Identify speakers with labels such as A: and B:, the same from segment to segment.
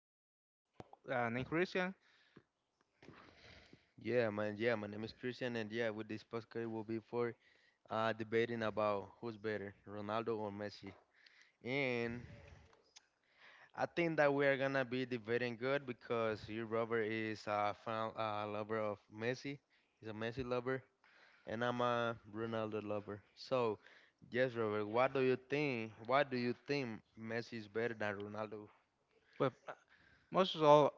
A: guest called named Christian,
B: Yeah, man. Yeah, my name is Christian, and yeah, with this podcast will be for debating about who's better, Ronaldo or Messi. And I think that we are gonna be debating good because you, Robert, is a fan, a lover of Messi. He's a Messi lover, and I'm a Ronaldo lover. So, yes, Robert, what do you think? Why do you think Messi is better than Ronaldo?
A: but most of all,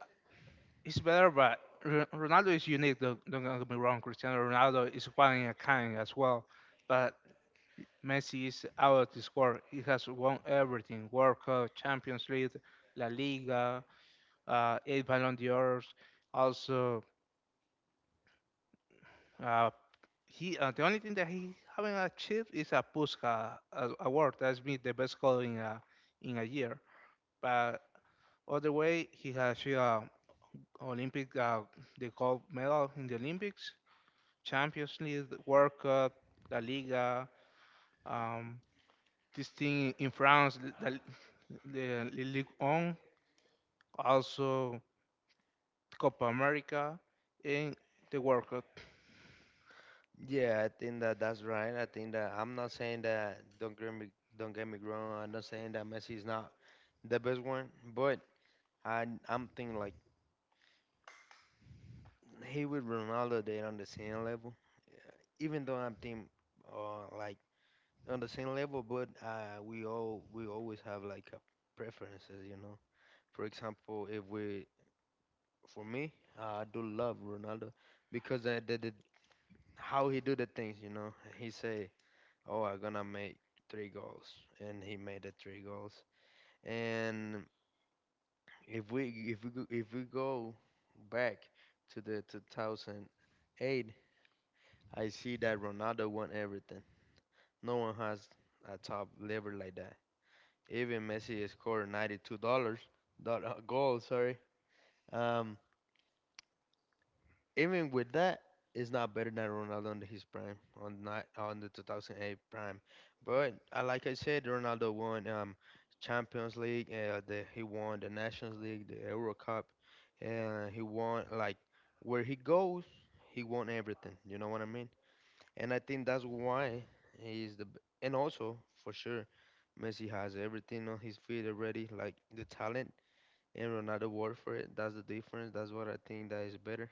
A: it's better. But Ronaldo is unique. Don't get me wrong. Cristiano Ronaldo is one in a kind as well. But Messi is out of this world. He has won everything: World Cup, Champions League, La Liga, eight Ballon d'Ors, also. Uh, he the only thing that he haven't achieved is a Puska award. That's been the best goal in a year. But other way, he has achieved Olympic the gold medal in the Olympics, Champions League, the World Cup, La Liga, um, this thing in France, the Ligue 1, also Copa America, and the World Cup.
B: Yeah, I think that that's right. I think that I'm not saying that. Don't get me wrong. I'm not saying that Messi is not the best one. But I'm thinking like he with Ronaldo, they're on the same level. Even though I'm thinking like on the same level, but we always have like a preferences. For example, if we for me, I do love Ronaldo because I did how he do the things. He say, "Oh, I'm gonna make three goals," and he made the three goals. And if we go back to the 2008, I see that Ronaldo won everything. No one has a top lever like that. Even Messi scored $92, goals, sorry. Um, Even with that, it's not better than Ronaldo on his prime, on not on the 2008 prime. But like I said, Ronaldo won Champions League, he won the Nations League, the Euro Cup, and he won like where he goes, he won everything. You know what I mean? And I think that's why and also for sure, Messi has everything on his feet already, like the talent. And Ronaldo worked for it. That's the difference. That's what I think that is better.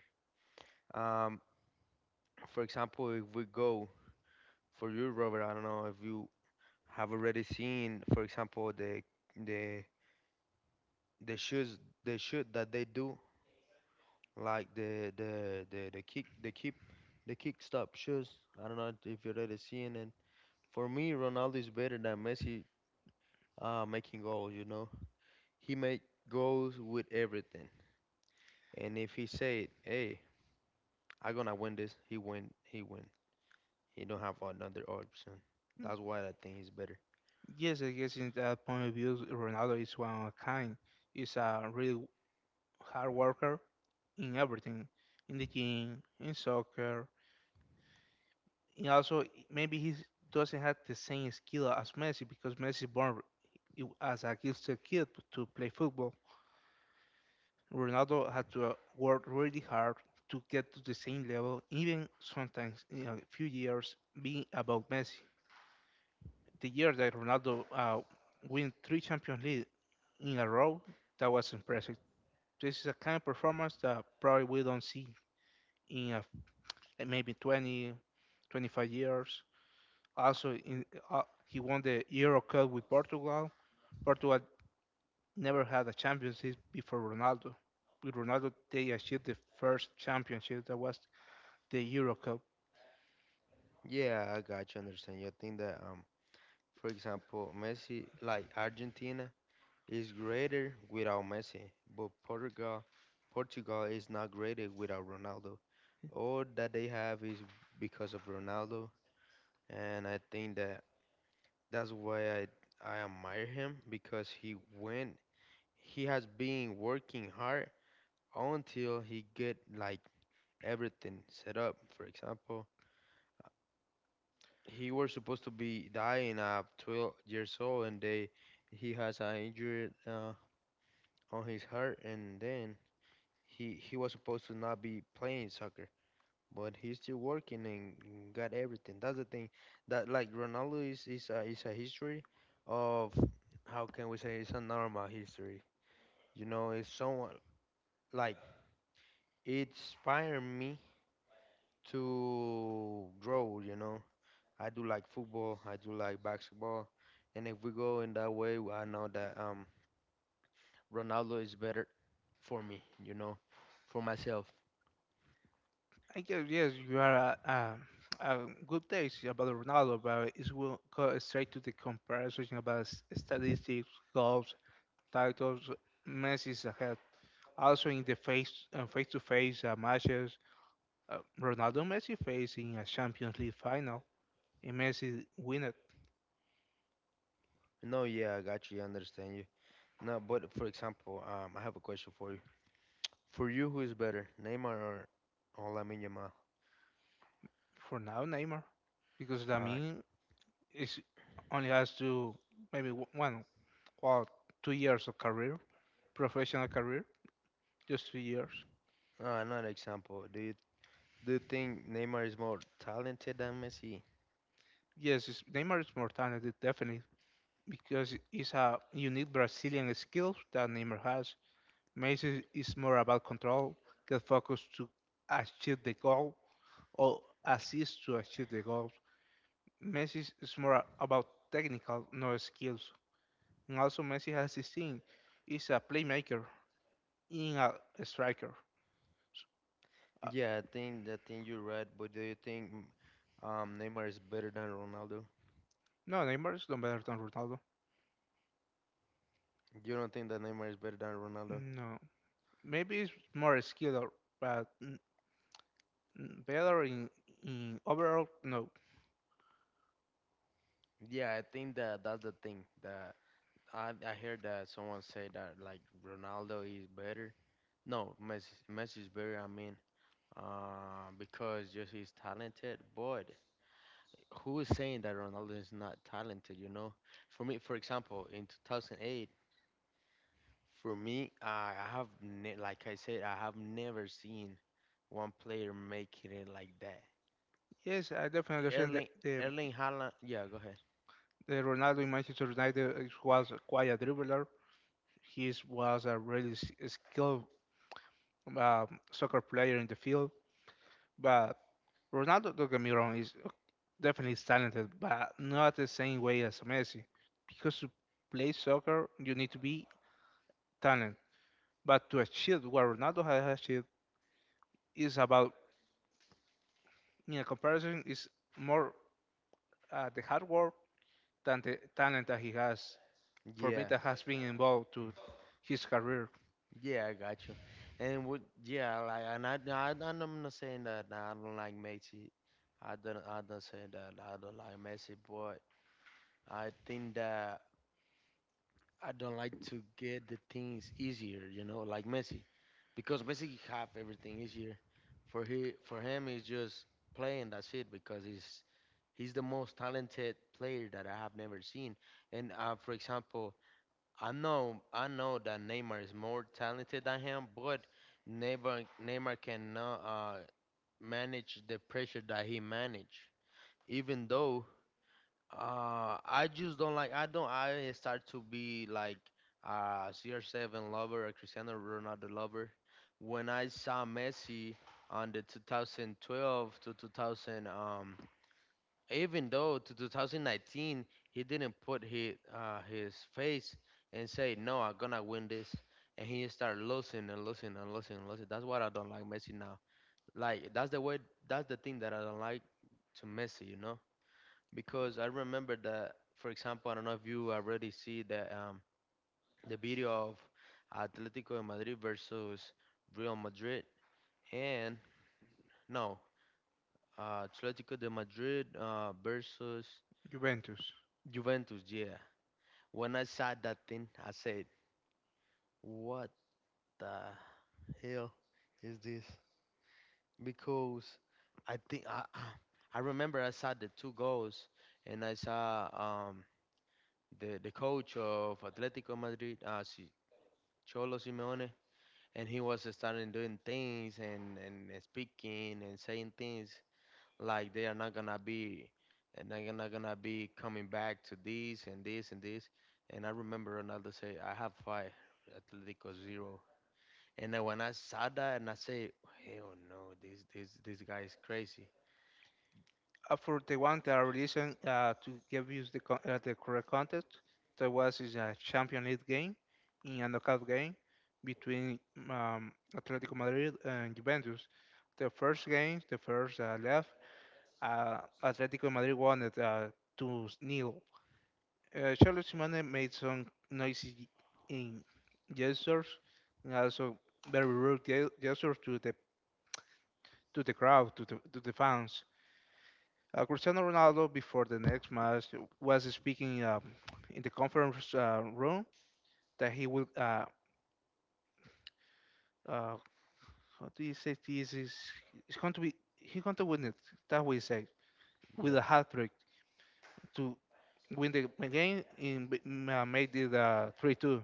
B: Um, for example, if we go for you, Robert, I don't know if you have already seen, for example, the the shoes the shoot that they do, like the kick stop shoes. I don't know if you already seen. And for me, Ronaldo is better than Messi, making goals. You know, he make goals with everything, and if he said, "Hey, I'm gonna win this," he win. He win. He don't have another option. That's why I think he's better.
A: Yes, I guess in that point of view, Ronaldo is one of a kind. He's a really hard worker in everything, in the gym, in soccer. And also, maybe he doesn't have the same skill as Messi because Messi born i- as a gifted kid to play football. Ronaldo had to work really hard to get to the same level, even sometimes in a few years being above Messi. The year that Ronaldo win three Champions League in a row, that was impressive. This is a kind of performance that probably we don't see in a, maybe 20, 25 years. Also, he won the Euro Cup with Portugal. Portugal never had a Champions League before Ronaldo. With Ronaldo, they achieved the first championship that was the Euro Cup.
B: Yeah, I got you. Understand. You think that, for example, Messi, like Argentina, is greater without Messi, but Portugal is not greater without Ronaldo. All that they have is because of Ronaldo, and I think that that's why I admire him because he has been working hard until he get like everything set up. For example, he was supposed to be dying at 12 years old, and they he has an injury on his heart, and then he was supposed to not be playing soccer, but he's still working and got everything. That's the thing. That like Ronaldo is a history of how can we say, it's a normal history. It's someone like it inspired me to grow. I do like football. I do like basketball. And if we go in that way, I know that Ronaldo is better for me, for myself.
A: I guess yes, you are a good taste about Ronaldo, but it will go straight to the comparison about statistics, goals, titles. Messi is ahead. Also in the face-to-face matches, Ronaldo Messi facing a Champions League final, and Messi win it
B: No, yeah, I got you. I understand you. No, but for example, I have a question for you. For you, who is better, Neymar or Lamine Yamal?
A: for now, Neymar, because
B: Uh,
A: Lamin is only has to maybe 1 or 2 years of career, professional career, just 2 years.
B: Another example. Do you think Neymar is more talented than Messi?
A: Yes, it's, Neymar's more talented, definitely because it's a unique Brazilian skill that Neymar has. Messi is more about control, get focused to achieve the goal, or assist to achieve the goal. Messi is more about technical, no skills. And also, Messi has this thing: he's a playmaker, in a striker. S- Uh,
B: Yeah, I think you're right. But do you think, Neymar is better than Ronaldo?
A: no, Neymar is no better than Ronaldo.
B: You don't think that Neymar is better than Ronaldo?
A: No, maybe it's more skill, but better in overall, no,
B: Yeah, I think that that's the thing that I heard that someone say that like Ronaldo is better. No, Messi is better. I mean, because just he's talented. But who is saying that Ronaldo is not talented? You know, for me, for example, in 2008, for me, I have ne like I said, I have never seen one player making it like that.
A: yes, I definitely understand that
B: Erling
A: the,
B: Erling Haaland. Yeah, go ahead.
A: the Ronaldo in Manchester United was quite a dribbler. He was a really skilled soccer player in the field. But Ronaldo, don't get me wrong, is definitely is talented but not the same way as Messi, because to play soccer you need to be talented, but to achieve what Ronaldo has achieved is about, in a comparison, is more the hard work than the talent that he has, for me,
B: Yeah,
A: that has been involved to his career,
B: yeah, I got you. And what? Yeah, like, and and I'm not saying that I don't like Messi. I don't say that I don't like Messi, but I think that I don't like to get the things easier, like Messi, because Messi have everything easier. For him, it's just playing. That's it, because he's the most talented player that I have never seen. And for example, I know that Neymar is more talented than him, but Neymar cannot, manage the pressure that he manage. Even though, I just don't I start to be like, a CR7 lover, a Cristiano Ronaldo lover. When I saw Messi on the 2012 to 2000, even though to 2019, he didn't put his face and say, no, I'm gonna win this, and he started losing and losing and losing and losing. That's what I don't like Messi now. Like that's the thing that I don't like to Messi, because I remember that. For example, I don't know if you already see the video of Atletico de Madrid versus Real Madrid, and no, Atletico de Madrid, versus
A: Juventus.
B: Juventus. Yeah, when I saw that thing, I said, "What the hell is this?" Because I think I I remember I saw the two goals, and I saw, the coach of Atletico Madrid, Cholo Simeone, and he was starting doing things, and speaking and saying things like they are not gonna be and they're not gonna be coming back to this and this and this. And I remember Ronaldo say, "I have five, Atletico zero." And then when I saw that and I say, hell no, this guy is crazy.
A: For the one that I listened to give you the correct context, that was is a Champions League game, in a knockout game between Atletico Madrid and Juventus. The first game, the first left, Atletico Madrid won it 2 nil. Charles Simone made some noisy in gestures and also very rude gestures to the crowd, to the fans. Cristiano Ronaldo before the next match was speaking in the conference room that he would uh, how do you say, this is, he's going to win it, that we say, with
B: Yeah.
A: a hat trick, to win the game in made it 3-2.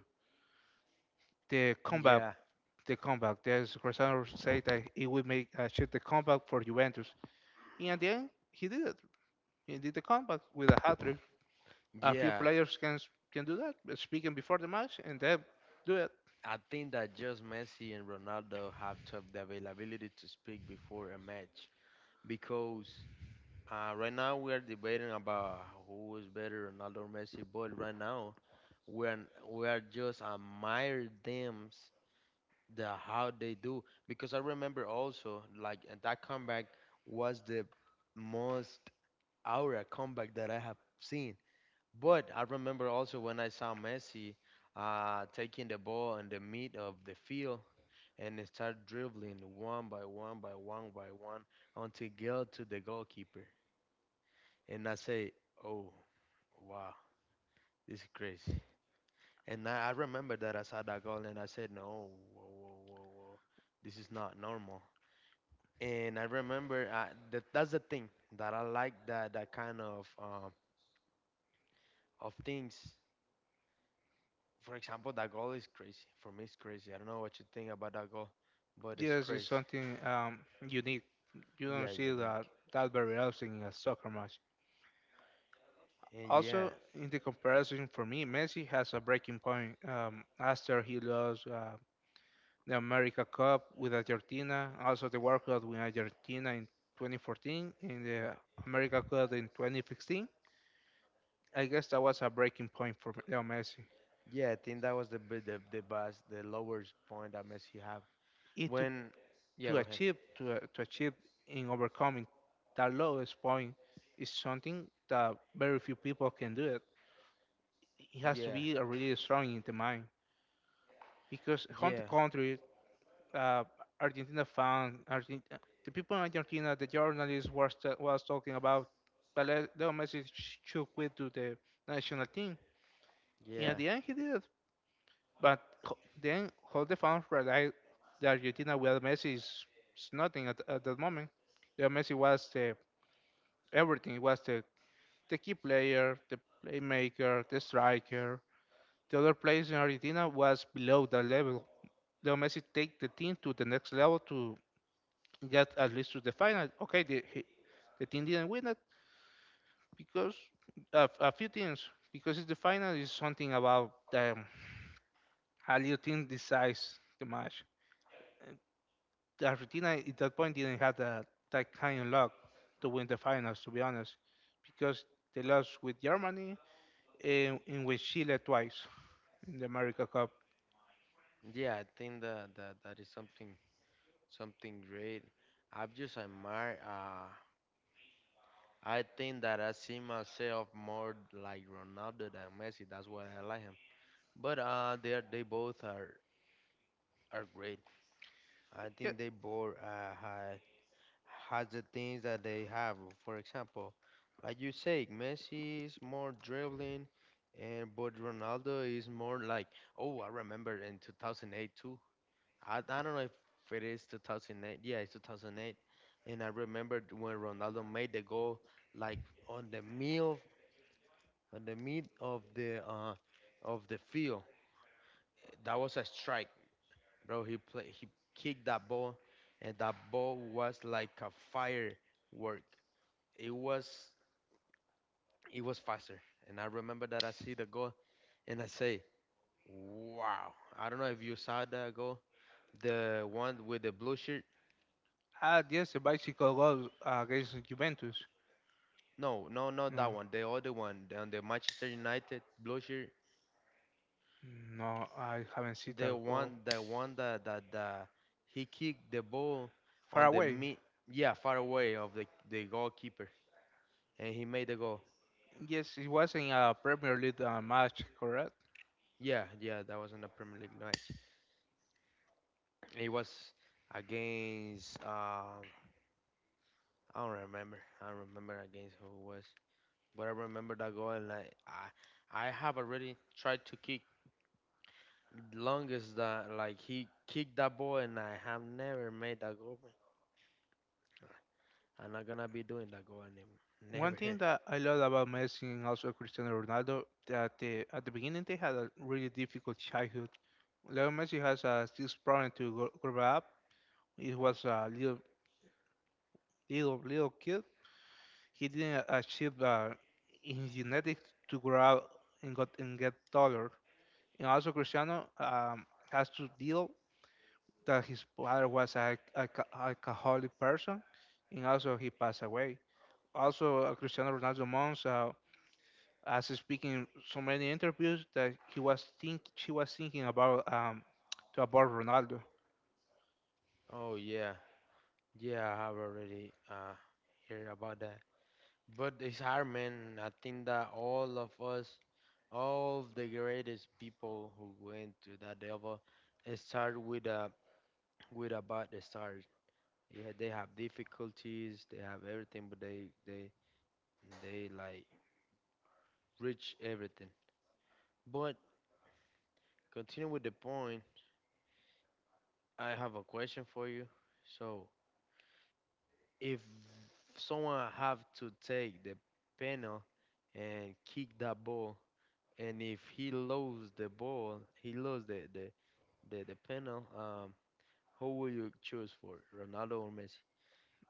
A: the comeback,
B: Yeah.
A: the comeback. There's Cristiano said that he would make achieve the comeback for Juventus, and at the end he did it. He did the comeback with a hat trick. A few
B: Yeah.
A: players can do that, but speaking before the match and then do it.
B: I think that just Messi and Ronaldo have to have the availability to speak before a match, because right now we are debating about who is better, Ronaldo or Messi, but right now we're we are just admire them, the how they do, because I remember also, like, and that comeback was the most aura comeback that I have seen. But I remember also when I saw Messi, taking the ball in the mid of the field and start dribbling one by one by one by one until get to the goalkeeper. And I say, oh, wow, this is crazy. And I remember that I saw that goal and I said, no, whoa, whoa, whoa, whoa, this is not normal. And I remember, that that's the thing that I like, that that kind of things. For example, that goal is crazy. For me, it's crazy. I don't know what you think about that goal, but it's
A: Yes, it's
B: crazy.
A: something unique. You don't
B: Yeah,
A: see that
B: unique.
A: that very often in a soccer match.
B: And yeah,
A: Also, in the comparison for me, Messi has a breaking point after he lost the America Cup with Argentina, also the World Cup with Argentina in 2014, and the America Cup in 2016. I guess that was a breaking point for Leo Messi.
B: yeah, I think that was the best, the lowest point that Messi have.
A: It
B: When, yeah, go ahead.
A: to achieve in overcoming that lowest point is something that very few people can do it. It has to
B: Yeah,
A: be a really strong in the mind because on the
B: yeah,
A: contrary, uh, Argentina fan, Argent- uh, the people in Argentina, the journalists was talking about, but Leo Messi should quit to the national team. And at
B: yeah,
A: the end, he did. But then all the fans realized that Argentina without Messi is nothing at that moment. Leo Messi was the everything. He was the key player, the playmaker, the striker. The other players in Argentina was below that level. Leo Messi take the team to the next level, to That at least to the final. Okay, the team didn't win it because a few teams, because it's the final is something about how your team decides the match. And Argentina at that point didn't have that kind of luck to win the finals, to be honest, because they lost with Germany and with Chile twice in the America Cup.
B: yeah. I think that that is something great. I've just admire. I think that I see myself more like Ronaldo than Messi. That's why I like him. But they both are great. I
A: Yeah,
B: think they both, has the things that they have. For example, like you say, Messi is more dribbling, and but Ronaldo is more like. Oh, I remember in 2008 too. I don't know if it is 2008. Yeah, it's 2008. And I remember when Ronaldo made the goal, like on the middle, on the mid of the field. That was a strike. Bro, he kicked that ball, and that ball was like a firework. It was it was faster. And I remember that I see the goal and I say, wow. I don't know if you saw that goal. The one with the blue shirt.
A: ah, yes, the bicycle goal against Juventus.
B: No, no, not that
A: No,
B: one. The other one on the Manchester United blue shirt.
A: no, I haven't seen
B: The
A: that goal.
B: one the one that that, that he kicked the ball
A: Far
B: on the
A: away.
B: mid, yeah, far away of the goalkeeper, and he made the goal.
A: Yes, it was in a Premier League match, correct?
B: Yeah, yeah, that was in the Premier League match. It was against, I don't remember. I don't remember against who it was. But I remember that goal, and I have already tried to kick longest that, like, he kicked that ball and I have never made that goal, man. I'm not gonna be doing that goal anymore.
A: One
B: Never.
A: thing that I love about Messi and also Cristiano Ronaldo, that they, at the beginning they had a really difficult childhood. Leo Messi has a this problem to grow up. He was a little little little kid. He didn't achieve in his genetics to grow up and got and get taller. And also Cristiano has to deal that his father was a alcoholic person, and also he passed away. Also Cristiano Ronaldo Mons, as he's speaking in so many interviews, that he was think she was thinking about to abort Ronaldo.
B: Oh yeah. Yeah, I have already heard about that. But it's hard, man. I think that all of us, all the greatest people who went to that level, start with a bad start. Yeah, they have difficulties, they have everything, but they like reach everything. But continue with the point. I have a question for you. So if someone have to take the panel and kick that ball, and if he loses the ball, he loses the panel. Who will you choose for, Ronaldo or Messi?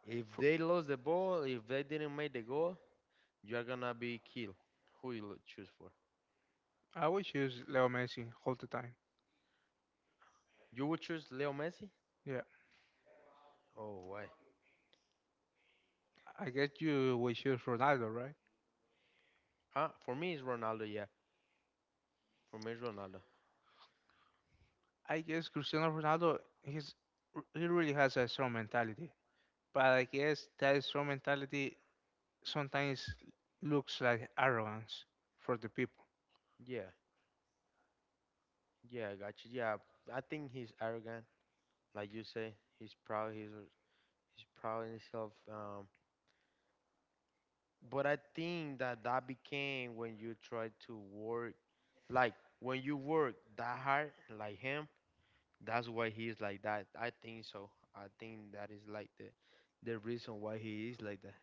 B: If
A: For,
B: they lost the ball, if they didn't make the goal, you're gonna be killed. Who you choose for?
A: I would choose Leo Messi all the time.
B: You would choose Leo Messi?
A: Yeah,
B: Oh, why?
A: I guess you would choose Ronaldo, right?
B: Huh? For me, it's Ronaldo. Yeah, for me, it's Ronaldo.
A: I guess Cristiano Ronaldo he really has a strong mentality, but I guess that strong mentality sometimes looks like arrogance for the people.
B: Yeah, yeah, I got you. Yeah, I think he's arrogant, like you say. He's proud. He's proud in himself. But I think that that became when you try to work, like when you work that hard, like him. That's why he is like that. I think so. I think that is like the reason why he is like that.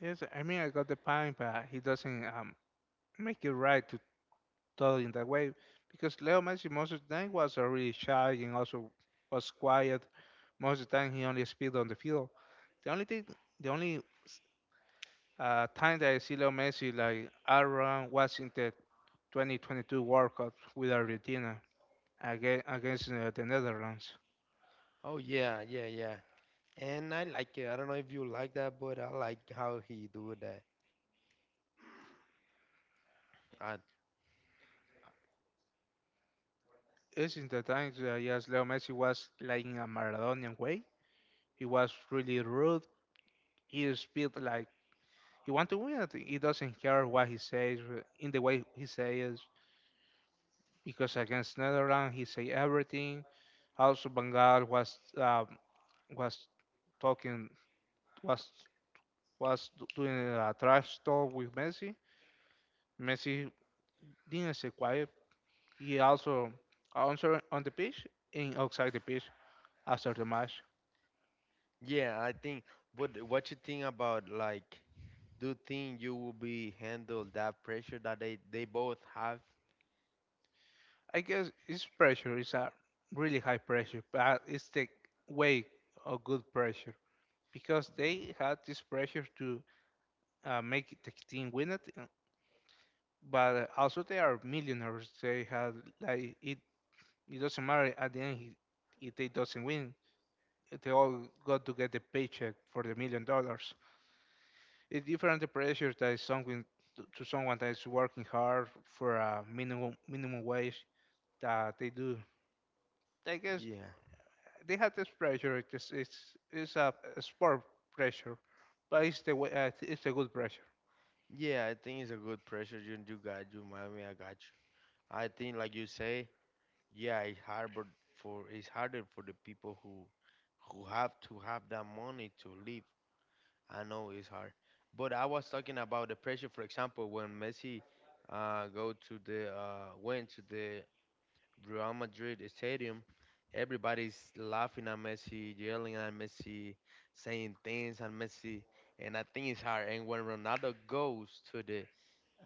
A: Yes, I mean, I got the point, but he doesn't make it right to totally in that way because Leo Messi most of the time was a really shy and also was quiet. Most of the time he only speak on the field. The only thing, the only time that I see Leo Messi like around was in the 2022 World Cup with Argentina against the Netherlands.
B: Oh yeah, yeah, yeah. And I like it. I don't know if you like that, but I like how he do that. I,
A: It's in the time that, yes, Leo Messi was like in a Maradonian way. He was really rude. He speak like he want to win. He doesn't care what he says in the way he says because against Netherlands he said everything. Also, Bengal was talking was was doing a trash talk with Messi. Messi didn't stay quiet. He also answered on the pitch and outside the pitch after the match.
B: yeah, I think. But what you think about like, do you think you will be handle that pressure that they both have?
A: I guess it's pressure. It's a really high pressure, but it's the way of good pressure because they had this pressure to make the team win it, and but also they are millionaires. They have like it. It doesn't matter at the end if they doesn't win. They all got to get the paycheck for the $1 million. It's different the pressure that is someone to someone that is working hard for a minimum wage that they do. I guess
B: Yeah.
A: they have this pressure. It's a sport pressure, but it's the way, it's a good pressure.
B: Yeah, I think it's a good pressure. You got you, mommy. I got you. I think like you say. Yeah, it's harder for the people who have to have that money to live. I know it's hard, but I was talking about the pressure. For example, when Messi go to the went to the Real Madrid stadium, everybody's laughing at Messi, yelling at Messi, saying things at Messi, and I think it's hard. And when Ronaldo goes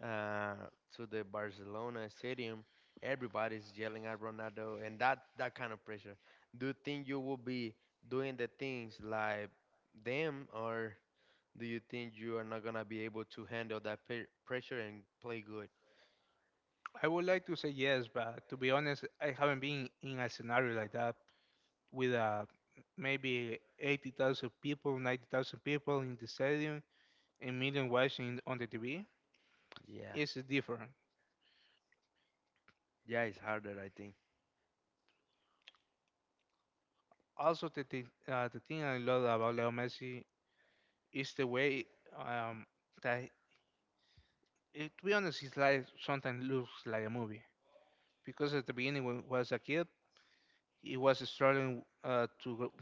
B: uh, to the Barcelona stadium, everybody's yelling at Ronaldo, and that kind of pressure. Do you think you will be doing the things like them, or do you think you are not gonna be able to handle that pressure and play good?
A: I would like to say yes, but to be honest, I haven't been in a scenario like that. With maybe 80,000 people, 90,000 people in the stadium, a million watching on the TV,
B: Yeah,
A: is different.
B: yeah, it's harder, I think.
A: Also, the thing I love about Leo Messi is the way um, that, to be honest, his life sometimes looks like a movie. Because at the beginning, when he was a kid, he was struggling to, go-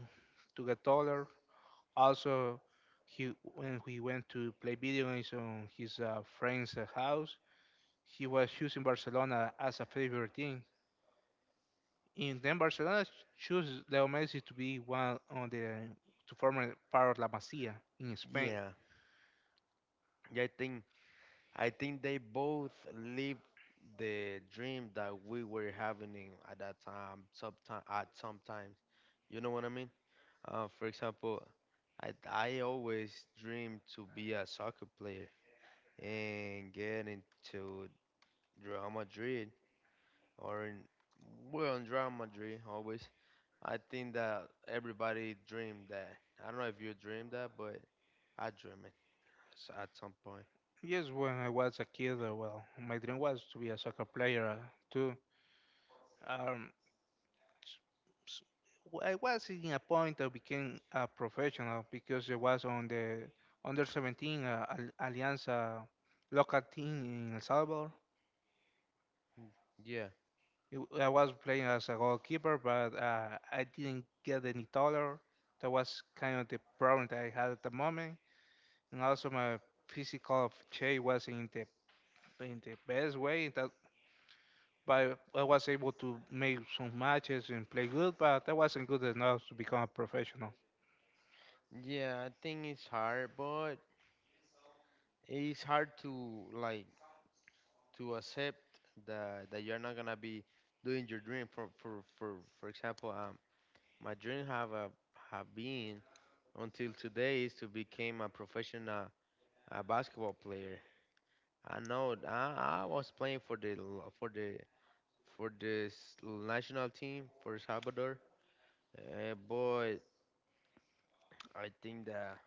A: to get taller. Also, he when he went to play video games on his friend's house, he was choosing Barcelona as a favorite team. And then Barcelona chose Leo Messi to be one on the to form a part of La Masia in Spain.
B: Yeah, yeah, I think they both live the dream that we were having in, at that time, sometimes. You know what I mean? For example, I always dreamed to be a soccer player and get into Real Madrid or in, well, in Real Madrid always. I think that everybody dreamed that. I don't know if you dreamed that, but I dream it at some point.
A: Yes, when I was a kid, well, my dream was to be a soccer player too. Um, s- I was in a point I became a professional because I was on the under 17 Alianza local team in El Salvador.
B: Mm, yeah.
A: I was playing as a goalkeeper, but I didn't get any taller. That was kind of the problem that I had at the moment, and also my physical shape was in the best way. That but I was able to make some matches and play good, but that wasn't good enough to become a professional.
B: Yeah, I think it's hard, but it's hard to like to accept that that you're not gonna be doing your dream. For example, my dream have been until today is to become a professional basketball player. I know I was playing for the for this national team for El Salvador. Boy, I think that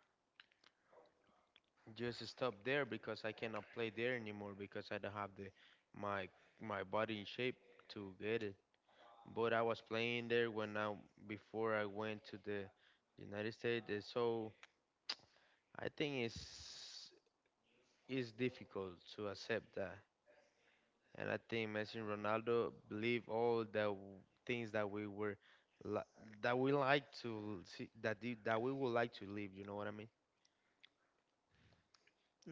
B: just stop there because I cannot play there anymore because I don't have the my my body in shape to get it. But I was playing there when I before I went to the United States, so I think it's difficult to accept that. And I think Messi and Ronaldo believe all the things that we were li- that we like to see that that we would like to live, you know what I mean?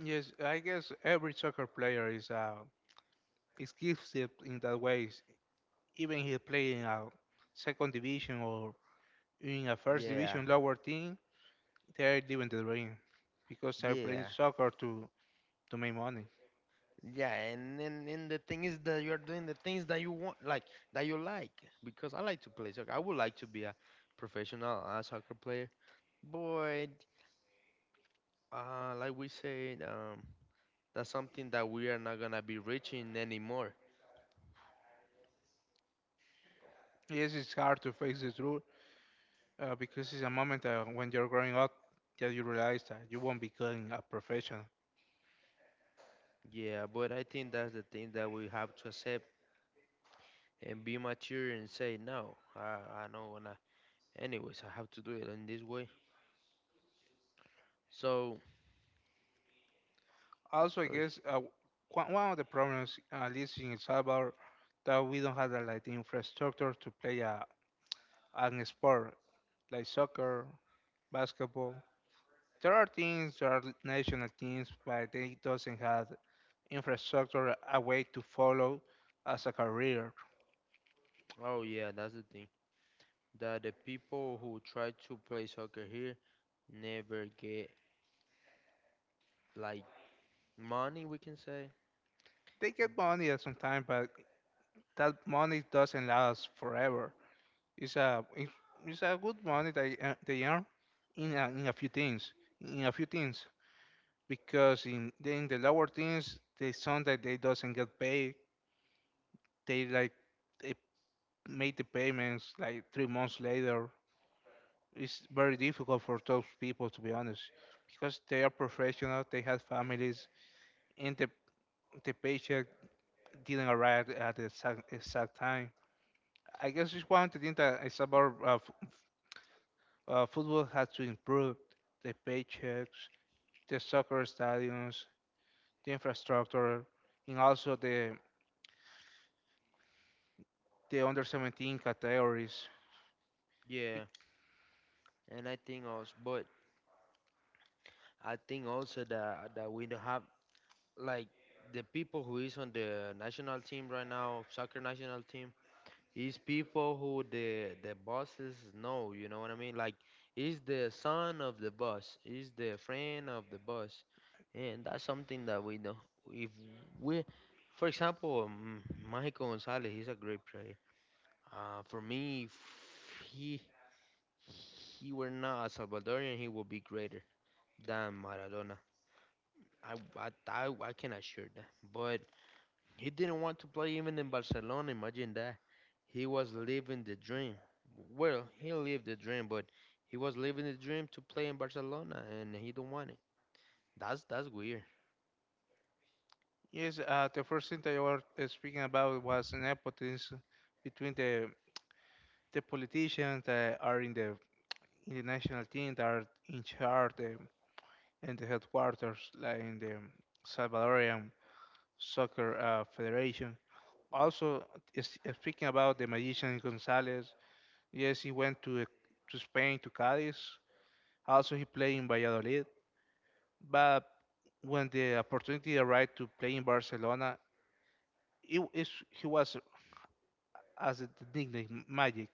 A: Yes, I guess every soccer player is gifted in that way. Even he play in a second division or in a first
B: Yeah.
A: division lower team, they are living the dream because they're playing
B: Yeah.
A: soccer to make money.
B: Yeah, and, and the thing is that you are doing the things that you want like that you like because I like to play soccer. I would like to be a professional soccer player. But like we said that's something that we are not going to be reaching anymore.
A: Yes, it's hard to face the truth because it's a moment when you're growing up that you realize that you won't be getting a professional.
B: Yeah, but I think that's the thing that we have to accept and be mature and say no I know and anyways I have to do it in this way so
A: Also, I
B: so.
A: guess one of the problems, at least in El Salvador, that we don't have the like, the infrastructure to play a, an sport like soccer, basketball. There are teams, there are national teams, but they doesn't have infrastructure a way to follow as a career.
B: Oh yeah, that's the thing that the people who try to play soccer here never get like money, we can say.
A: They get money at some time, but that money doesn't last forever. It's a it's a good money they they earn in a few things, in a few things, because in the lower things, the some that they doesn't get paid, they like they made the payments like 3 months later. It's very difficult for those people to be honest, because they are professional, they have families, and the paycheck didn't arrive at the exact time. I guess just want to think that it's about football has to improve the paychecks, the soccer stadiums, the infrastructure, and also the under 17 categories. Be-
B: Yeah, and I think also, but I think also that that we don't have like the people who is on the national team right now, soccer national team. It's people who the bosses know, you know what I mean? Like he's the son of the boss, he's the friend of the boss, and that's something that we know. If we, for example, Michael Gonzalez, he's a great player. For me, if he he were not a Salvadorian, he would be greater than Maradona. I can assure that, but. He didn't want to play even in Barcelona. Imagine that. He was living the dream. Well, he lived the dream, but he was living the dream to play in Barcelona, and he don't want it. That's weird.
A: Yes, the first thing that you were speaking about was nepotism between the politicians that are in the national team that are in charge in the headquarters, like in the Salvadorian Soccer Federation. Also, speaking about the magician Gonzalez, yes, he went to Spain to Cádiz. Also, he played in Valladolid, but when the opportunity arrived to play in Barcelona, he, he was as a nickname Magic,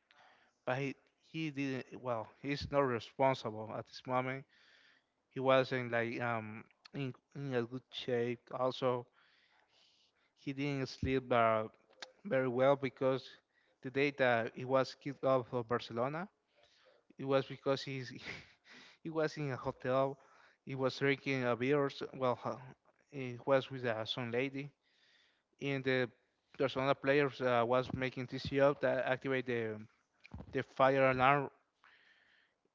A: but he didn't. Well, he's not responsible at this moment. He wasn't like in a good shape. Also, he didn't sleep very well because the day that he was kicked off of Barcelona, it was because he's he was in a hotel, he was drinking a beers. Well, he was with some lady, and the Barcelona players was making TCO that activate the fire alarm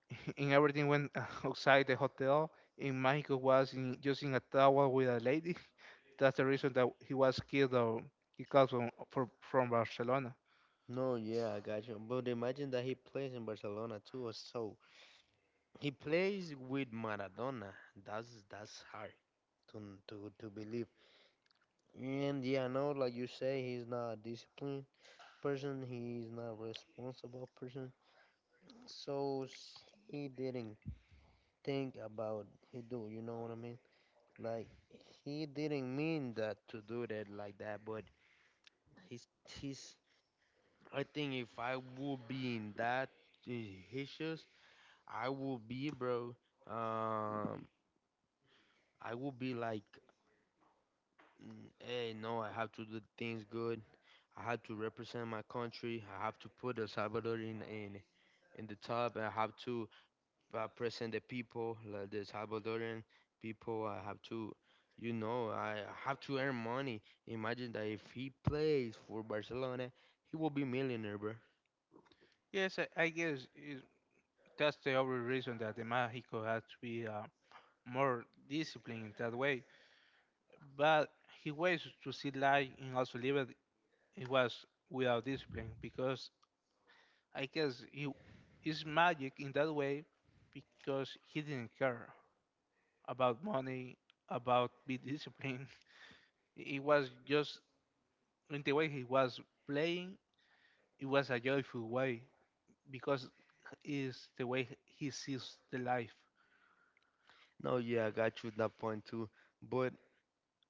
A: and everything went outside the hotel. And Michael was in, just in a towel with a lady. That's the reason that he was killed. Or he comes from, from Barcelona.
B: No, yeah, I got you. But imagine that he plays in Barcelona too, so he plays with Maradona. That's hard to to believe. And yeah, I know, like you say, he's not a disciplined person. He's not a responsible person. So he didn't think about he do, you know what I mean? Like he didn't mean that to do that like that, but he's. I think if I would be in that uh, his shoes, I would be bro. Um I would be like, "Mm, hey no, I have to do things good. I have to represent my country. I have to put El Salvador in in the top. I have to represent the people, like the Salvadoran people. I have to, you know, I have to earn money." Imagine that if he plays for Barcelona, he will be millionaire, bro.
A: Yes, I guess it, that's the only reason that the Mexico had to be more disciplined in that way. But he ways to see life and also live it. He was without discipline because I guess he is magic in that way because he didn't care about money, about be disciplined. It was just in the way he was playing. It was a joyful way because is the way he sees the life.
B: No, yeah, I got you that point too. But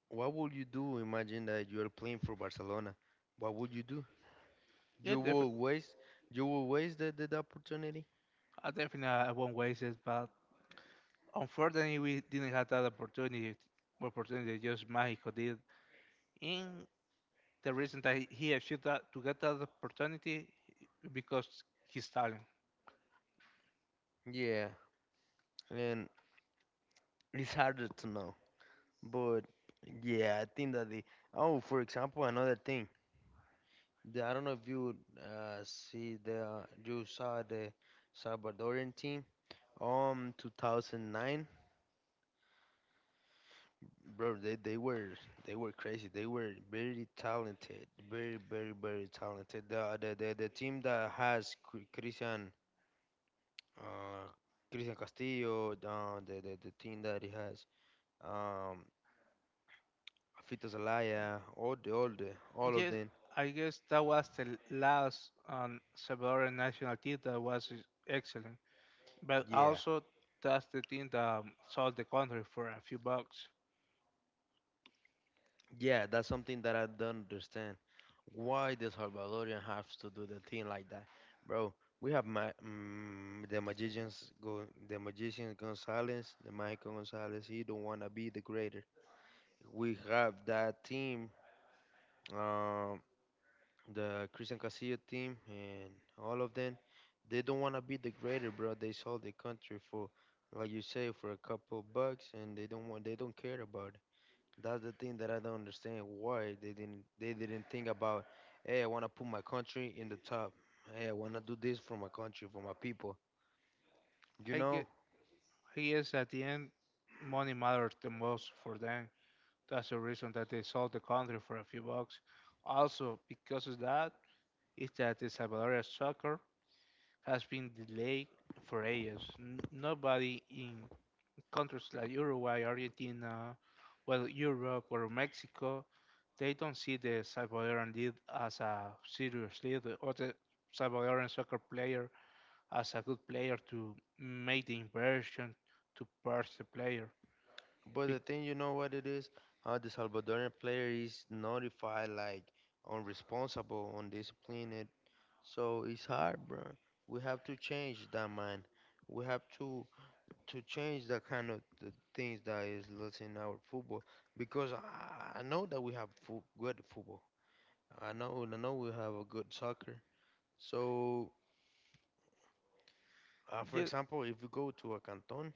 B: what would you do? Imagine that you are playing for Barcelona. What would you do?
A: Yeah,
B: You
A: def-
B: will waste. You will waste the opportunity.
A: I definitely I won't waste it, but unfortunately we didn't have that opportunity. Opportunity just Mexico did. And the reason that he achieved that to get that opportunity because his talent.
B: Yeah, and it's harder to know. But yeah, I think that the oh, for example, another thing. The, I don't know if you see the you saw the Salvadorian team 2009 bro, they were crazy, they were very talented, very talented. The the team that has Christian uh Christian Castillo, the team that he has, um Fito Zelaya, all of
A: Yes,
B: them.
A: I guess that was the last Salvadoran national team that was excellent. But
B: Yeah,
A: also, that's the team that sold the country for a few bucks.
B: yeah, that's something that I don't understand. Why the Salvadorian have to do the thing like that, bro? We have the magicians go, the magician Gonzalez, the Michael Gonzalez. He don't wanna be the greater. We have that team, um, the Christian Castillo team, and all of them. They don't wanna be the greater, bro. They sold the country for, like you say, for a couple bucks, and they don't want, they don't care about it. That's the thing that I don't understand why they didn't think about, hey, I wanna put my country in the top. Hey, I wanna do this for my country, for my people. You
A: I
B: know?
A: get, I guess at the end, money matters the most for them. That's the reason that they sold the country for a few bucks. Also, because of that, is that the Salvadorian soccer has been delayed for ages. Nobody in countries like Uruguay, Argentina, well, Europe or Mexico, they don't see the Salvadoran league as a serious league or the Salvadoran soccer player as a good player to make the inversion to purchase the player.
B: But the
A: Bec-
B: thing you know what it is? How the Salvadorian player is notified like unresponsible, undisciplined. So it's hard, bro. We have to change that mind. We have to change that kind of the things that is lost in our football because I know that we have good football. I know we have a good soccer. So, for
A: yeah,
B: example, if you go to a canton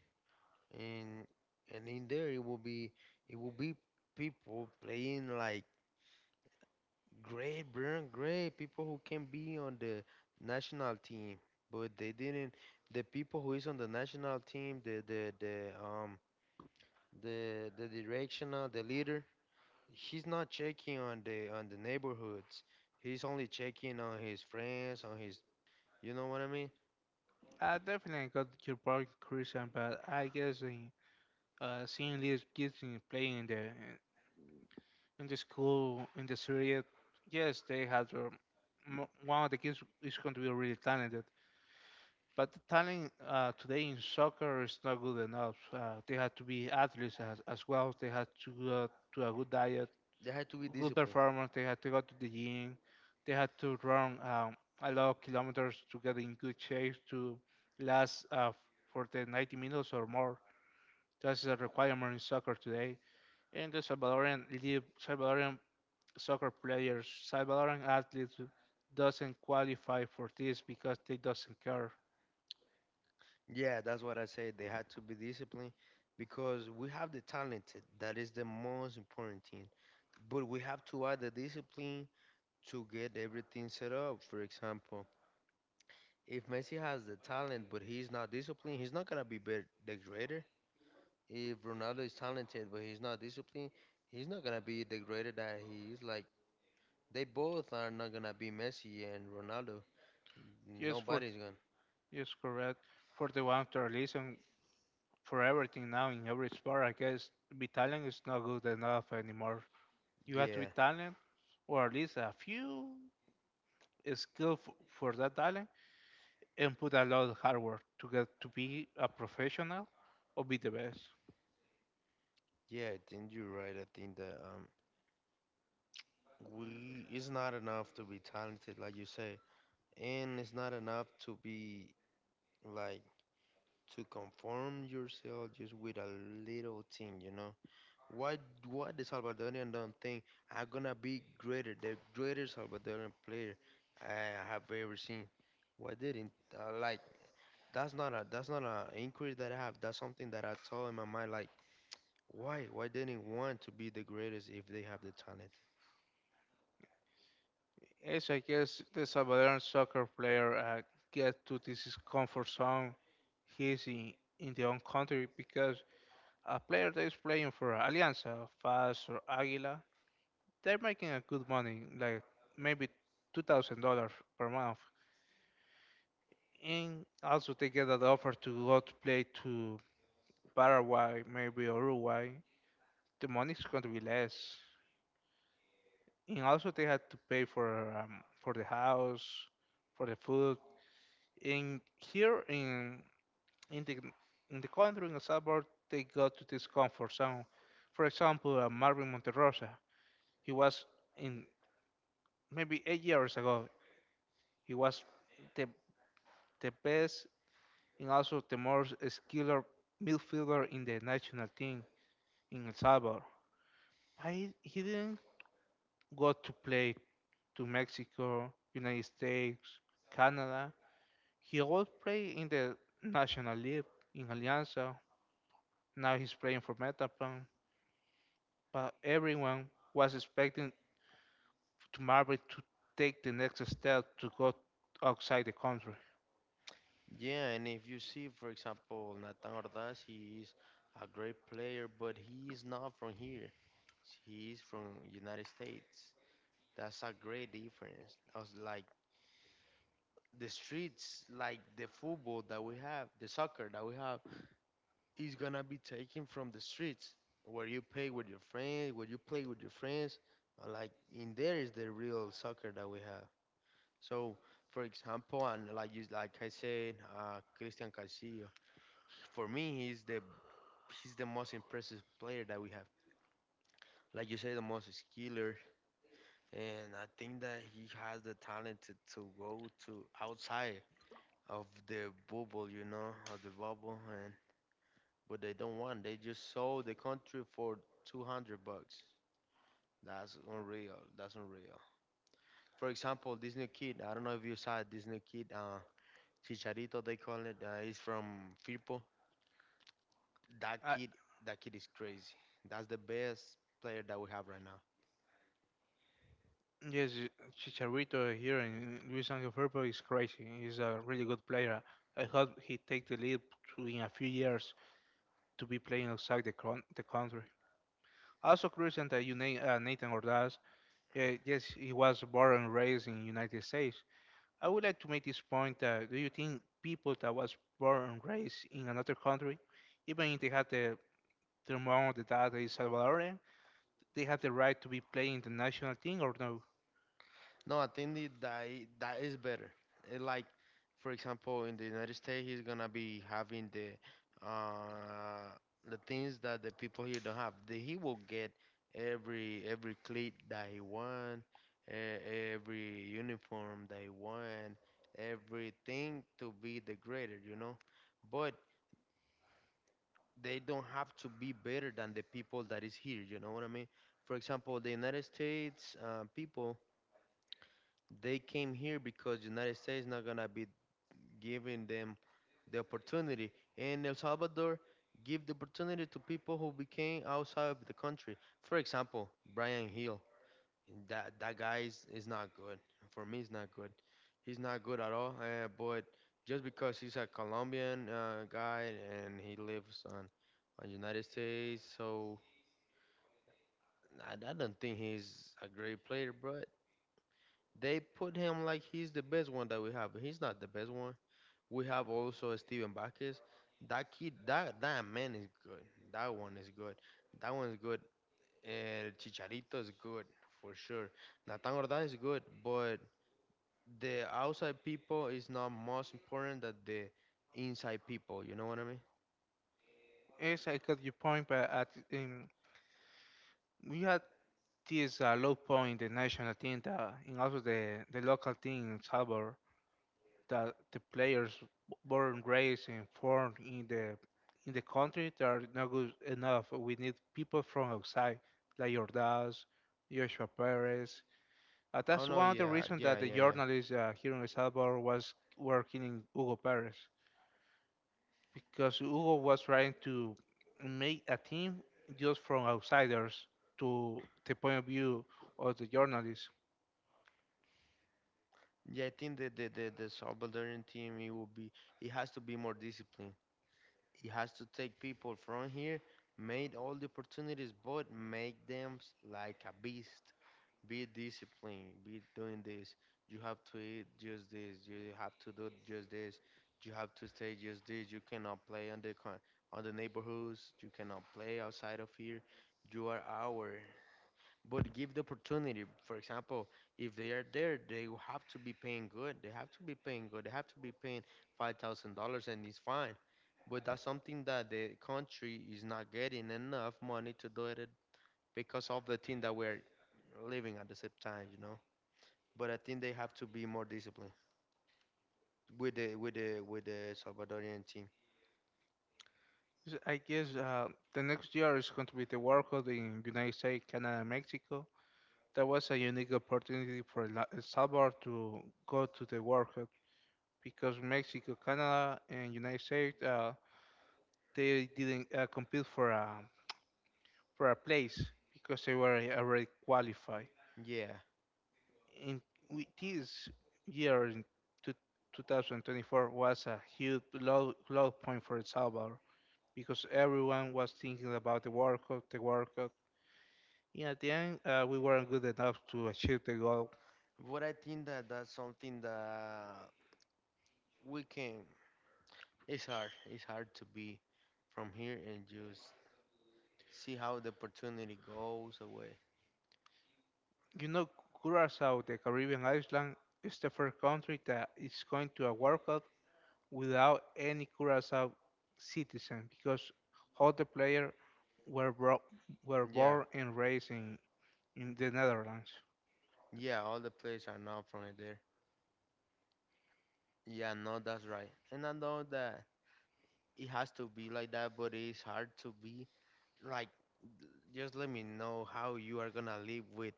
B: and in there it will be it will be people playing like great, brilliant, great people who can be on the national team, but they didn't. The people who is on the national team, the the directional, the leader, he's not checking on the neighborhoods. He's only checking on his friends, on his, you know what I mean?
A: I definitely got your point, Christian, but I guess in, seeing Leeds kids me playing in the school in the Syria, yes, they had their one of the kids is going to be really talented, but the talent today in soccer is not good enough. They have to be athletes as well. They have to go to a good diet,
B: They had to be
A: good
B: disciplined.
A: performance. They have to go to the gym. They have to run a lot of kilometers to get in good shape to last for the 90 minutes or more. That's a requirement in soccer today. And the Salvadorian live Salvadorian soccer players, Salvadoran athletes doesn't qualify for this because they doesn't care.
B: Yeah, that's what I said. They had to be disciplined because we have the talented. That is the most important thing. But we have to add the discipline to get everything set up. For example, if Messi has the talent but he's not disciplined, he's not gonna be the greater. If Ronaldo is talented but he's not disciplined, he's not gonna be the greater that he is. Like they both are not gonna be Messi and Ronaldo.
A: Yes, for
B: Nobody's gonna.
A: yes, correct. For the volunteerism, for everything now in every sport, I guess be talent is not good enough anymore. You have to be
B: Yeah,
A: talent, or at least a few skill for that talent, and put a lot of hard work to get to be a professional or be the best.
B: yeah. I think you're right. I think that we, it's not enough to be talented like you say, and it's not enough to be like to conform yourself just with a little thing, you know? why why the Salvadorian don't think, I'm gonna be greater, the greatest Salvadorian player I have ever seen? Why didn't like that's not a, that's not a inquiry that I have, that's something that I told in my mind, like why didn't want to be the greatest if they have the talent?
A: Yes, I guess the Salvadoran soccer player gets to this comfort zone. He's in their own country because a player that is playing for Alianza, FAS, or Águila, they're making a good money, like maybe $2,000 per month. And also, they get an offer to go to play to Paraguay, maybe Uruguay. The money is going to be less. And also, they had to pay for the house, for the food, in here in in the in the country in El Salvador, they go to this comfort zone. For example, Marvin Monterrosa, he was in maybe 8 years ago, he was the best and also the most skilled midfielder in the national team in El Salvador. Why he didn't go to play to Mexico, United States, Canada? He always play in the national league in Alianza. Now he's playing for Metapan, but everyone was expecting to Marvel to take the next step to go outside the country.
B: Yeah, and if you see, for example, Nathan Ordaz, he is a great player, but he is not from here. He is from United States. That's a great difference. I was like The streets, like the football that we have, the soccer that we have, is gonna be taken from the streets where you play with your friends, Like in there is the real soccer that we have. So, for example, and like I said, Christian Castillo, for me, he's the most impressive player that we have. Like you say, the most skiller, and I think that he has the talent to go to outside of the bubble, you know, of the bubble, and but they don't want. They just sold the country for $200. That's unreal. That's unreal. For example, this new kid. I don't know if you saw this new kid. Chicharito, they call it. He's from Firpo. That
A: I,
B: kid. That kid is crazy. That's the best player that we have right now.
A: yes, Chicharito here in Luis Angel Firpo is crazy. He's a really good player. I hope he take the lead to, in a few years to be playing outside the, the country. Also, Christian, that you name Nathan Ordaz. Yes, he was born and raised in United States, I would like to make this point that do you think people that was born and raised in another country, even if they had the their mom or the dad is Salvadorian, they have the right to be playing the national team or no?
B: No, I think that that is better. Like, for example, in the United States, he's gonna be having uh, the things that the people here don't have. The, he will get every cleat that he want, every uniform that he want, everything to be the greater, you know. But they don't have to be better than the people that is here. You know what I mean? For example, the United States people, they came here because United States not gonna be giving them the opportunity. In El Salvador, give the opportunity to people who became outside of the country. For example, Brian Hill. That guy is not good. For me, he's not good. He's not good at all. But just because he's a Colombian guy and he lives on United States, so I don't think he's a great player, bro. They put him like he's the best one that we have. He's not the best one. We have also Steven Bacchus. That that man is good. That one is good. That one's good. And Chicharito is good for sure. Nathan Ordaz is good, but the outside people is not most important than the inside people. You know what I mean?
A: Yes, I got your point, but at, we had this low point in the national team that, and also the local team in Salvador that the players born raised and formed in the country they are not good enough. We need people from outside, like Ordaz, Joshua Perez.
B: Oh
A: That's
B: no,
A: one of the
B: yeah,
A: reasons
B: yeah,
A: that the
B: yeah, yeah.
A: journalists here in El Salvador was working in Hugo Perez because Hugo was trying to make a team just from outsiders to the point of view of the journalists.
B: Yeah, I think the Salvadoran team, it will be, it has to be more disciplined. He has to take people from here, made all the opportunities, but make them like a beast. Be disciplined, be doing this. You have to eat just this. You have to do just this. You have to stay just this. You cannot play on on the neighborhoods. You cannot play outside of here. You are our but give the opportunity. For example, if they are there, they will have to be paying good. They have to be paying good. They have to be paying $5,000, and it's fine. But that's something that the country is not getting enough money to do it because of the thing that we're living at the same time, you know. But I think they have to be more disciplined with the with the Salvadorian team.
A: So I guess the next year is going to be the World Cup in United States, Canada, and Mexico. That was a unique opportunity for El Salvador to go to the World Cup because Mexico, Canada, and United States they didn't compete for a place because they were already qualified.
B: Yeah,
A: In with this year in two, 2024 was a huge low point for El Salvador because everyone was thinking about the World Cup, the World Cup. And at the end, we weren't good enough to achieve the goal.
B: but I think that that's something that we can. It's hard. It's hard to be from here and just see how the opportunity goes away.
A: You know, Curacao, the Caribbean island, is the first country that is going to a World Cup without any Curacao citizen because all the players were, were
B: Yeah,
A: born and raised in the Netherlands.
B: yeah, all the players are not from there. Yeah, no, that's right. And I know that it has to be like that, but it's hard to be like. Just let me know how you are gonna live with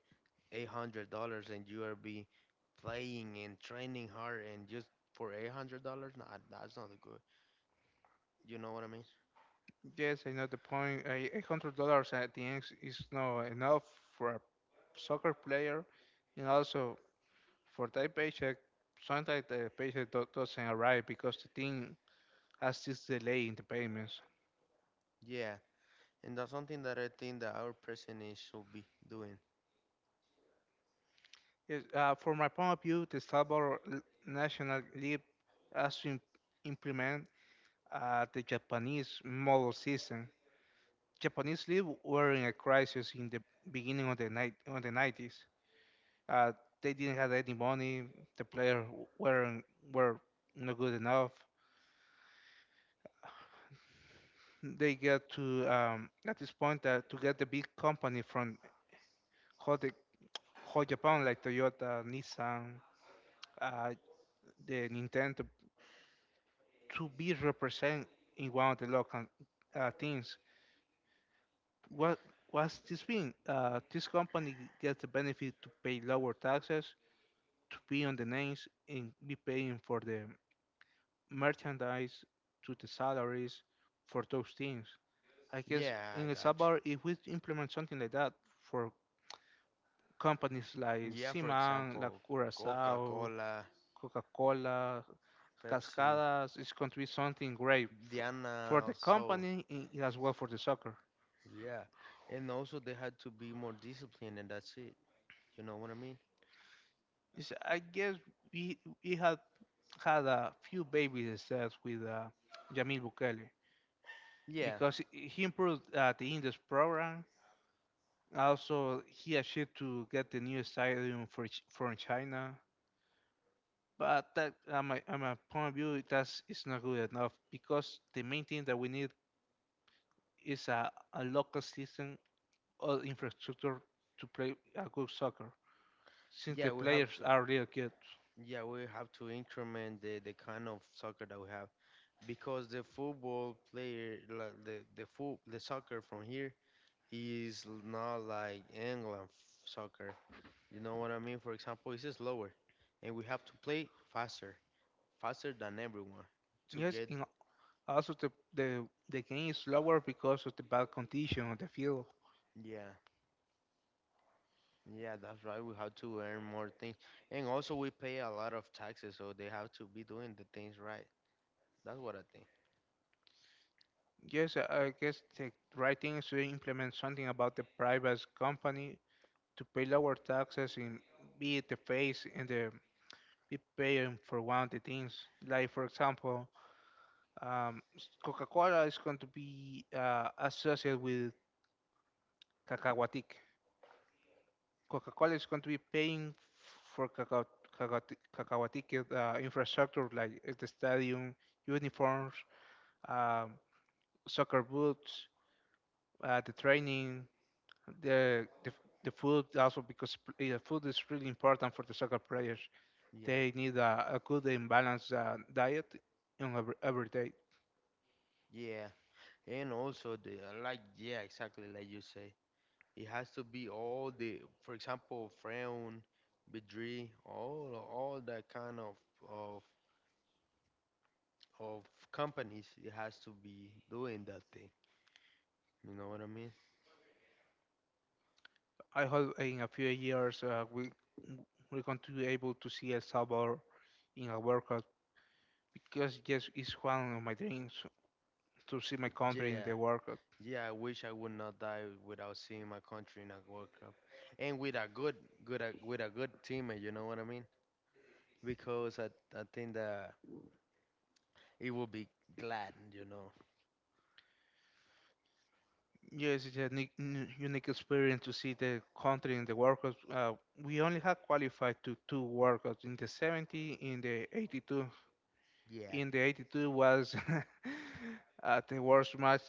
B: $800, and you are be playing and training hard, and just for $800, nah, that's not good. You know what I mean?
A: Yes, I know the point. $100 at the end is not enough for a soccer player, and also for that paycheck. Sometimes the paycheck doesn't arrive because the team has this delay in the payments.
B: Yeah, and that's something that I think that our president is should be doing.
A: Yes, from my point of view, the Salvador national league has to implement the Japanese model system. Japanese league were in a crisis in the beginning of the night on the '90s. Uh, they didn't have any money. The players weren't were not good enough. They get to at this point that to get the big company from whole, whole Japan like Toyota, Nissan, uh, the Nintendo to be represented in one of the local teams. What what's this mean? This company gets the benefit to pay lower taxes, to be on the names, and be paying for the merchandise, to the salaries for those teams. I guess
B: Yeah, I
A: in El
B: got.
A: Salvador, if we implement something like that for companies like
B: Yeah, for
A: Siman, La
B: example,
A: Curacao,
B: Coca-Cola,
A: Coca-Cola,
B: Pepsi,
A: Cascadas, is going to be something great for
B: Diana or
A: the
B: so.
A: company and as well for the soccer.
B: Yeah. And also they had to be more disciplined and that's it. You know what I mean?
A: I guess we had had a few baby steps with Jamil Bukele
B: Yeah.
A: because he improved the Indies program. Also, he achieved to get the new stadium for from China. But that, on my point of view, that's is not good enough because the main thing that we need is a local system, all infrastructure to play a good soccer, since
B: Yeah,
A: the
B: we have
A: players
B: to.
A: are really good.
B: Yeah, we have to increment the kind of soccer that we have because the football player like the soccer from here is not like England soccer. You know what I mean? For example, it's slower and we have to play faster, faster than everyone to
A: Yes,
B: get.
A: and also the game is slower because of the bad condition of the field.
B: Yeah, yeah, that's right. We have to earn more things and also we pay a lot of taxes so they have to be doing the things right. That's what I think.
A: Yes, I guess the right thing is to implement something about the private company to pay lower taxes and be the face and the be paying for one of the things. Like for example, um, Coca-Cola is going to be associated with Cacahuatic. Coca-Cola is going to be paying for Cacao- Cacahuatique infrastructure like the stadium, uniforms, um, soccer boots, the training, the, the f- the food also because food is really important for the soccer players.
B: Yeah,
A: They need a good and balanced diet on every day.
B: yeah, and also the like, yeah, exactly like you say, it has to be all the, for example, frown Bidri, all that kind of of of companies, it has to be doing that thing, you know what I mean?
A: I hope in a few years we we're going to be able to see El Salvador in a World Cup because yes, it's one of my dreams to see my country in
B: Yeah.
A: the World Cup.
B: Yeah, I wish I would not die without seeing my country in a World Cup, and with a good, good, with a good teammate. You know what I mean? Because I think that it will be glad. You know?
A: Yes, it's a unique experience to see the country in the World Cup. We only had qualified to two World Cups in the 70, in the 82.
B: Yeah.
A: In the 82 was the worst match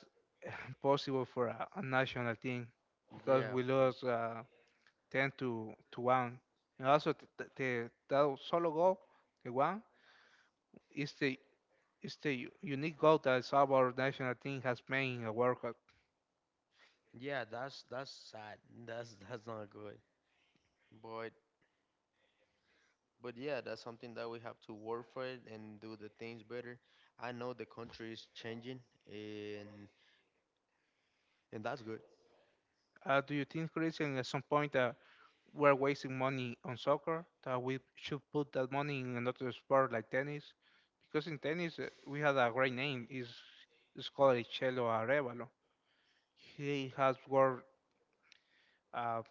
A: possible for a national team because
B: Yeah,
A: we lost 10 to 1. And also, that solo goal, the one, is is the unique goal that our national team has made in a World Cup.
B: yeah. That's sad. That's not good. But but yeah, that's something that we have to work for it and do the things better. I know the country is changing, and and that's good.
A: Do you think, Christian, at some point that we're wasting money on soccer, that we should put that money in another sport like tennis? Because in tennis, we had a great name. Is called Chelo Arevalo. He has won uh,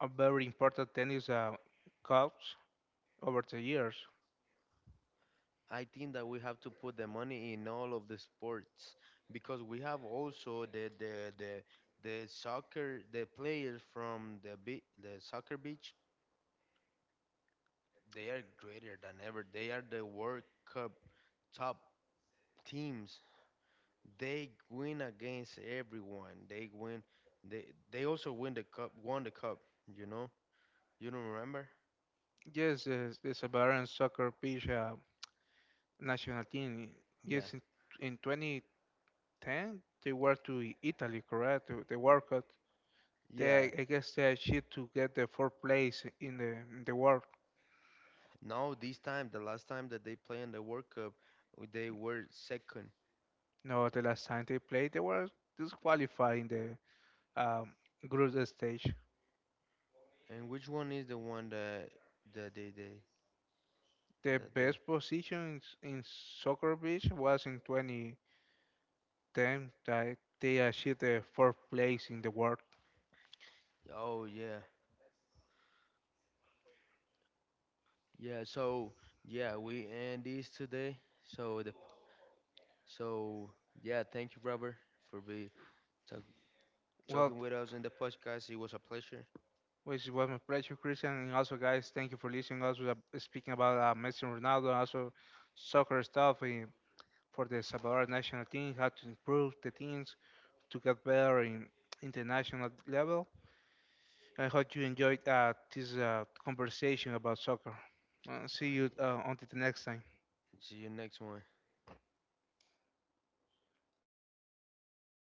A: a very important tennis cups over the years.
B: I think that we have to put the money in all of the sports because we have also the soccer, the players from the soccer beach, they are greater than ever. They are the World Cup top teams. They win against everyone. They win. They also win the cup, won the cup, you know. You don't remember?
A: Yes, there's a Bahrain soccer pitch national team.
B: Yeah,
A: Yes, in 2010, they were to Italy, correct? To the World Cup.
B: yeah,
A: I guess they achieved to get the fourth place in the world.
B: no, this time, the last time that they play in the World Cup, they were second.
A: No, the last time they played, they were disqualified in the um, group stage.
B: And which one is the one that they
A: The
B: that they?
A: best position in soccer beach was in 2010 that they achieved the fourth place in the world.
B: Oh yeah, yeah. So yeah, we end this today. So yeah, thank you, Robert, for talk,
A: Well,
B: talking with us in the podcast. It was a pleasure.
A: which was my pleasure, Christian, and also guys, thank you for listening. Also, speaking about Messi, Ronaldo, and also soccer stuff for the Salvador national team, how to improve the teams to get better in international level. I hope you enjoyed this conversation about soccer. Uh,
B: All
A: see you
B: right,
A: until the next time.
B: see you next one.